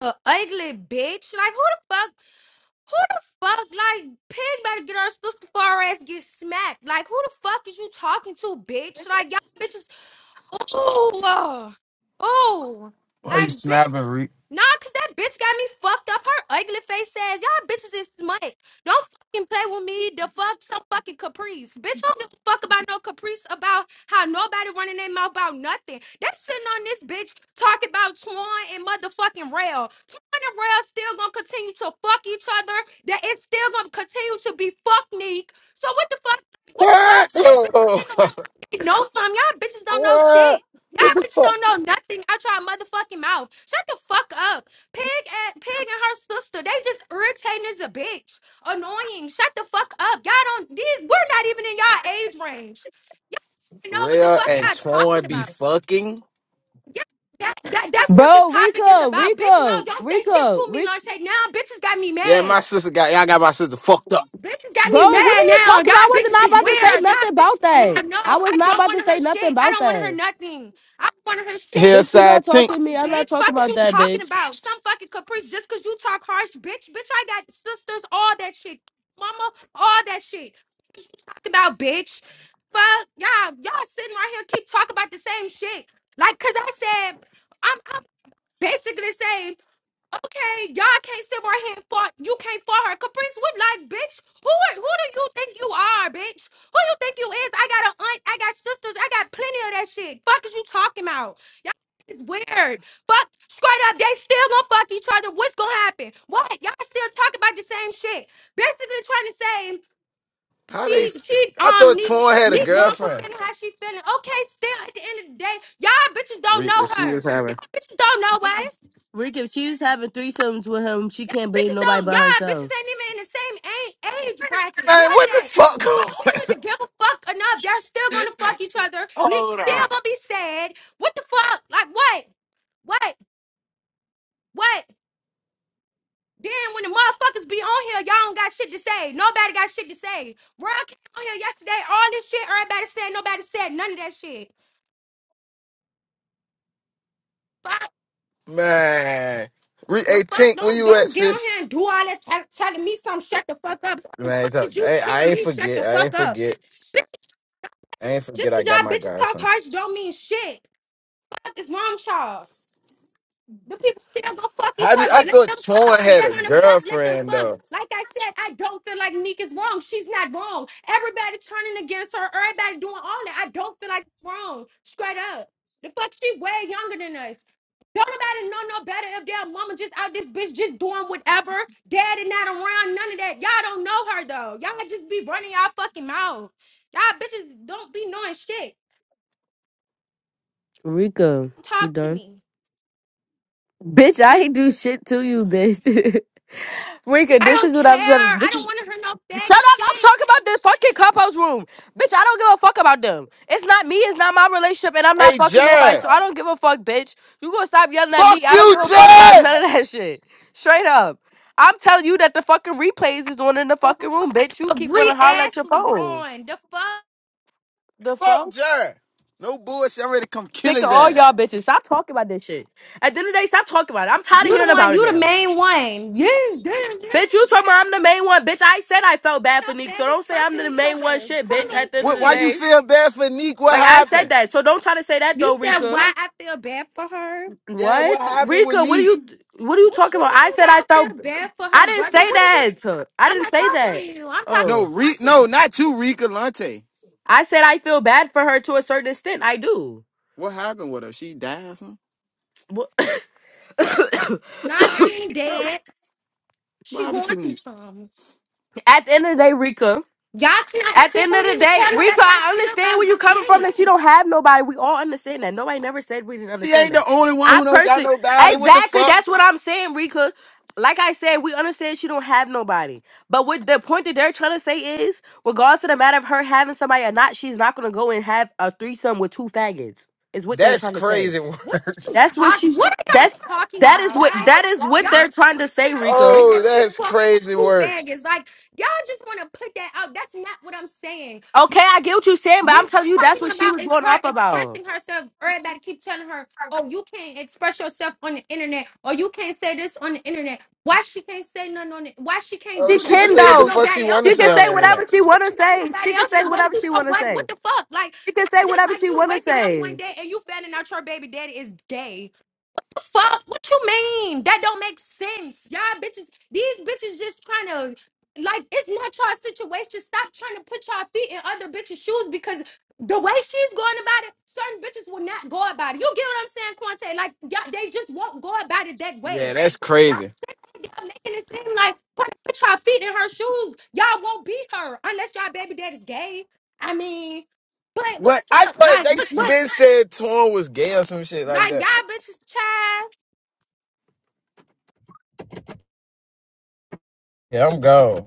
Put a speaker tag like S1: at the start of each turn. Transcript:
S1: a ugly bitch. Like who the fuck? Who the fuck? Like pig better get her sister far ass get smacked. Like who the fuck is you talking to, bitch? Like y'all bitches. Ooh, ooh,
S2: Why you
S1: like
S2: snapping,
S1: bitch.
S2: Reek?
S1: Nah, cause that bitch got me fucked up. Her ugly face says, "Y'all bitches is smut. Don't fucking play with me. The fuck some fucking caprice, bitch. I don't give a fuck about no caprice about how nobody running their mouth about nothing. They sitting on this bitch talking about Twan and motherfucking Rail. Twan and Rail still gonna continue to fuck each other. That it's still gonna continue to be fuck Neek. So what the fuck? What the
S2: What?
S1: fuck? Them bitches
S2: Oh,
S1: sitting around know some. Y'all bitches don't know
S2: what?
S1: shit.
S2: What
S1: Y'all
S2: the
S1: bitches
S2: fuck?
S1: don't know nothing out y'all motherfucking mouth. Shut the fuck up. Pig and Pig and her sister, they just irritating as a bitch. Annoying. Shut the fuck up. Y'all don't these we're not even in y'all age range. Y'all don't even know what the
S2: Rhea
S1: fuck
S2: and
S1: y'all talking
S2: Torn be
S1: about.
S2: fucking?
S1: Yeah, that, that that's what the
S3: Bro,
S1: topic is
S3: Rico,
S1: about. Bitch,
S3: Rico,
S1: no, don't say shit
S3: Rico,
S1: to me,
S3: Rico.
S1: Lante. Now bitches got me
S2: Yeah,
S1: mad.
S2: my sister got y'all got my sister fucked up.
S1: Bitches got me
S3: Bro, what are
S1: mad
S3: you
S1: now.
S3: talking about? I
S1: Y'all
S3: was
S1: bitches
S3: not
S1: is
S3: about to say
S1: weird. Y'all
S3: nothing about
S1: bitches don't
S3: that.
S1: have no.
S3: I was
S1: I
S3: not
S1: don't
S3: about
S1: want
S3: to
S1: her
S3: say nothing
S1: shit. I
S3: about
S1: don't want her
S3: that.
S1: nothing. I don't want her shit.
S3: Bitch, you
S2: Hillside
S3: not
S2: Tink.
S3: talking
S1: Fuck,
S3: to me. I'm not
S1: bitch.
S3: talking
S1: Fuck is
S3: about
S1: you
S3: that,
S1: talking
S3: bitch.
S1: about? Some fucking caprice just because you talk harsh, bitch. Bitch, I got sisters, all that shit. Mama, all that shit. What you talking about, bitch? Fuck, y'all. Y'all sitting right here keep talking about the same shit. Like, cause I said, I'm, I'm basically saying. Okay, y'all can't sit right here and fought. You can't fight her. Caprice What like, bitch. Who are, who do you think you are, bitch? Who you think you is? I got an aunt. I got sisters. I got plenty of that shit. Fuck is you talking about? Y'all is weird. Fuck straight up. They still gonna fuck each other. What's gonna happen? What? Y'all still talking about the same shit. Basically trying to say
S2: How
S1: she
S2: they? f-
S1: she
S2: I
S1: um
S2: thought
S1: need
S2: Torn had a
S1: need one for
S2: girlfriend.
S1: feeling how she feeling. Okay, still at the end of the day, y'all bitches don't
S2: Reek,
S1: know
S2: that she
S1: her.
S2: was having.
S1: Y'all bitches don't know Wes.
S3: Rico, if she's having threesomes with him, she
S1: Y'all
S3: can't blame
S1: bitches
S3: nobody
S1: don't.
S3: but
S1: Y'all bitches
S3: herself.
S1: ain't even in the same a- age bracket.
S2: Man,
S1: None of
S2: what the
S1: that.
S2: fuck?
S1: So why
S2: going
S1: do you even give a fuck enough? They're still gonna fuck each other.
S2: on?
S1: Nick
S2: Hold
S1: still
S2: on,
S1: gonna be sad. What the fuck? Like what? What? What? Then when the motherfuckers be on here, y'all don't got shit to say. Nobody got shit to say. Bro, I came on here yesterday. All this shit. Everybody said. Nobody said none of that shit. Fuck.
S2: man. Reek,
S1: The
S2: hey
S1: fuck.
S2: Tink, where
S1: Don't
S2: you at,
S1: don't get on
S2: sis?
S1: here and do all that tell telling me something. Shut the fuck up. What the
S2: Man,
S1: fuck
S2: don't-
S1: did you
S2: hey,
S1: tell
S2: I ain't
S1: me? Shut the
S2: forget. I
S1: fuck
S2: ain't
S1: up.
S2: forget. I ain't forget.
S1: Just
S2: I
S1: cause
S2: got
S1: y'all
S2: my
S1: bitches talk
S2: godson.
S1: harsh don't mean shit. Fuck is wrong with y'all. The people still going fuck each
S2: How did I
S1: other. Let
S2: thought
S1: them fuck.
S2: Torn
S1: If
S2: had
S1: they're
S2: a
S1: gonna fuck, let them
S2: girlfriend
S1: fuck.
S2: though?
S1: Like I said, I don't feel like Neek is wrong. She's not wrong. Everybody turning against her. Everybody doing all that. I don't feel like it's wrong. Straight up. The fuck, she way younger than us. Don't nobody know no better if their mama just out this bitch just doing whatever. Daddy not around, none of that. Y'all don't know her though. Y'all just be running y'all fucking mouth. Y'all bitches don't be knowing shit.
S3: Rico, you
S1: talk to
S3: done?
S1: me.
S3: Bitch, I ain't do shit to you, bitch. Rika,
S1: I
S3: this
S1: don't
S3: is what
S1: care.
S3: I'm trying
S1: I
S3: to.
S1: don't want to hear no
S3: Shut
S1: bag of
S3: up! I'm
S1: shit.
S3: talking about this fucking clubhouse room, bitch. I don't give a fuck about them. It's not me. It's not my relationship, and I'm not
S2: Hey,
S3: fucking nobody.
S2: Jared.
S3: So I don't give a fuck, bitch. You gonna stop yelling at
S2: Fuck
S3: me? I don't
S2: you,
S3: give a fuck about
S2: Jared.
S3: none of that shit. Straight up, I'm telling you that the fucking replays is on in the fucking room, bitch. You keep
S1: Agree
S3: wanting to holler at
S1: ass
S3: your
S1: was
S3: phone.
S1: on. The fuck?
S3: The
S2: Fuck
S3: fuck?
S2: Jared. No bullshit. I'm ready to come kill
S3: Sick of
S2: his
S3: all
S2: ass.
S3: y'all bitches. Stop talking about this shit. At the end of the day, stop talking about it. I'm tired
S1: You
S3: of
S1: the
S3: hearing
S1: one,
S3: about it
S1: you the
S3: now.
S1: main one. Yeah, damn, yeah.
S3: Bitch, you talking about I'm the main one. Bitch, I said I felt bad
S1: No
S3: for Neek, so
S1: faggots
S3: don't say I'm
S1: fucking
S3: the
S1: each
S3: main one
S1: other.
S3: shit,
S1: Come
S3: bitch,
S1: on,
S3: at the end of
S2: What?
S1: come
S3: the
S2: Why
S1: here.
S2: you
S3: day.
S2: feel bad for Neek? What
S3: Like I said
S2: happened?
S3: that. So don't try to say that
S1: You
S3: though,
S1: said
S3: Rika.
S1: why I feel bad for her?
S2: Yeah, what
S3: What?
S2: happened with
S3: Rika, what are
S2: Neek?
S3: you what are you
S1: What
S3: talking
S1: you
S3: about? I
S1: mean
S3: said I
S1: why I feel
S3: felt
S1: bad for
S3: I
S1: her,
S3: didn't
S1: brother?
S3: say
S1: What are you talking?
S3: that. I
S1: I'm
S3: didn't
S1: not
S3: say
S1: talking to
S3: that.
S1: you. I'm talking
S2: No,
S3: Oh.
S1: to
S2: Re- no,
S1: Quante.
S2: not you, Rika Lante.
S3: I said I feel bad for her to a certain extent. I do.
S2: What happened with her? She died or something?
S3: Wha-
S1: Nah, she ain't dead.
S2: What
S1: She
S2: happened
S1: going
S2: to
S1: through
S2: Neek?
S1: something.
S3: At the end of the day, Rika.
S1: Y'all cannot
S3: At the
S1: sit
S3: end of
S1: on
S3: the
S1: here and
S3: day,
S1: tell
S3: Rico,
S1: nobody how to
S3: I
S1: feel
S3: understand
S1: about
S3: where you're coming from that
S1: shit.
S3: you don't have nobody. We all understand that. Nobody never said we didn't
S2: She
S3: understand
S2: ain't the
S3: that.
S2: only one
S3: I
S2: who don't got
S3: personally,
S2: no body. What the
S3: exactly,
S2: fuck?
S3: that's what I'm saying, Rico. Like I said, we understand she don't have nobody. But what the point that they're trying to say is, regardless of the matter of her having somebody or not, she's not gonna go and have a threesome with two faggots. Is what they're
S2: That's
S3: trying to say.
S2: crazy work.
S1: What you
S3: That's what
S1: talk?
S3: she's.
S1: What are y'all
S3: That's
S1: talking
S3: that is
S1: about?
S3: what
S1: Like
S3: that is what
S1: y'all
S3: they're
S1: just
S3: trying to
S1: want to
S3: say,
S1: put out the
S3: Rico.
S1: fact
S2: Oh,
S1: that she
S2: that's
S1: fucked
S2: crazy
S1: two
S2: work.
S1: faggots. Like y'all just want to put that out. That's not what I'm saying.
S3: Okay, I get what you're saying, but I'm
S1: What
S3: telling you
S1: I'm
S3: that's
S1: talking
S3: what she
S1: about
S3: was
S1: is
S3: going
S1: her
S3: off about.
S1: expressing herself. Everybody keep telling her, "Oh, you can't express yourself on the internet, or you can't say this on the internet." Why she can't say nothing on it? Why she can't
S2: Oh,
S3: She
S1: do
S2: she
S1: that?
S2: can
S1: She
S3: can
S2: say
S1: don't
S2: what
S1: have
S2: the
S3: though.
S2: fuck she
S1: nobody
S2: want
S1: else
S2: to
S3: She
S1: to
S2: say
S3: can
S1: go
S2: on
S3: say
S2: the
S1: to.
S3: whatever
S2: internet.
S3: she
S1: She
S3: wanna
S1: don't got
S3: say.
S1: nobody
S3: She can
S1: else
S3: say
S1: to go
S3: whatever
S1: to.
S3: she
S1: So
S3: wanna
S1: what?
S3: say.
S1: What the fuck? Like
S3: She can
S1: that's
S3: say
S1: just
S3: whatever
S1: like
S3: she
S1: you
S3: wanna
S1: waking up
S3: say.
S1: one day and you finding out your baby daddy is gay fuck? What you mean? That don't make sense. Y'all bitches, these bitches just trying to like it's not y'all situation. Stop trying to put y'all feet in other bitches' shoes because the way she's going about it, certain bitches will not go about it. You get what I'm saying, Quante? Like y'all, they just won't go about it that
S2: Yeah,
S1: way.
S2: that's
S1: So stop
S2: crazy.
S1: sitting there making it seem like trying to put y'all feet in her shoes. Y'all won't be her unless y'all baby daddy's gay. I mean, but what
S2: But
S1: the
S2: I
S1: fuck?
S2: thought
S1: Like what?
S2: they
S1: What?
S2: been said Torn was gay or some shit like
S1: Like
S2: that.
S1: y'all bitches, child.
S2: Yeah, I'm gone.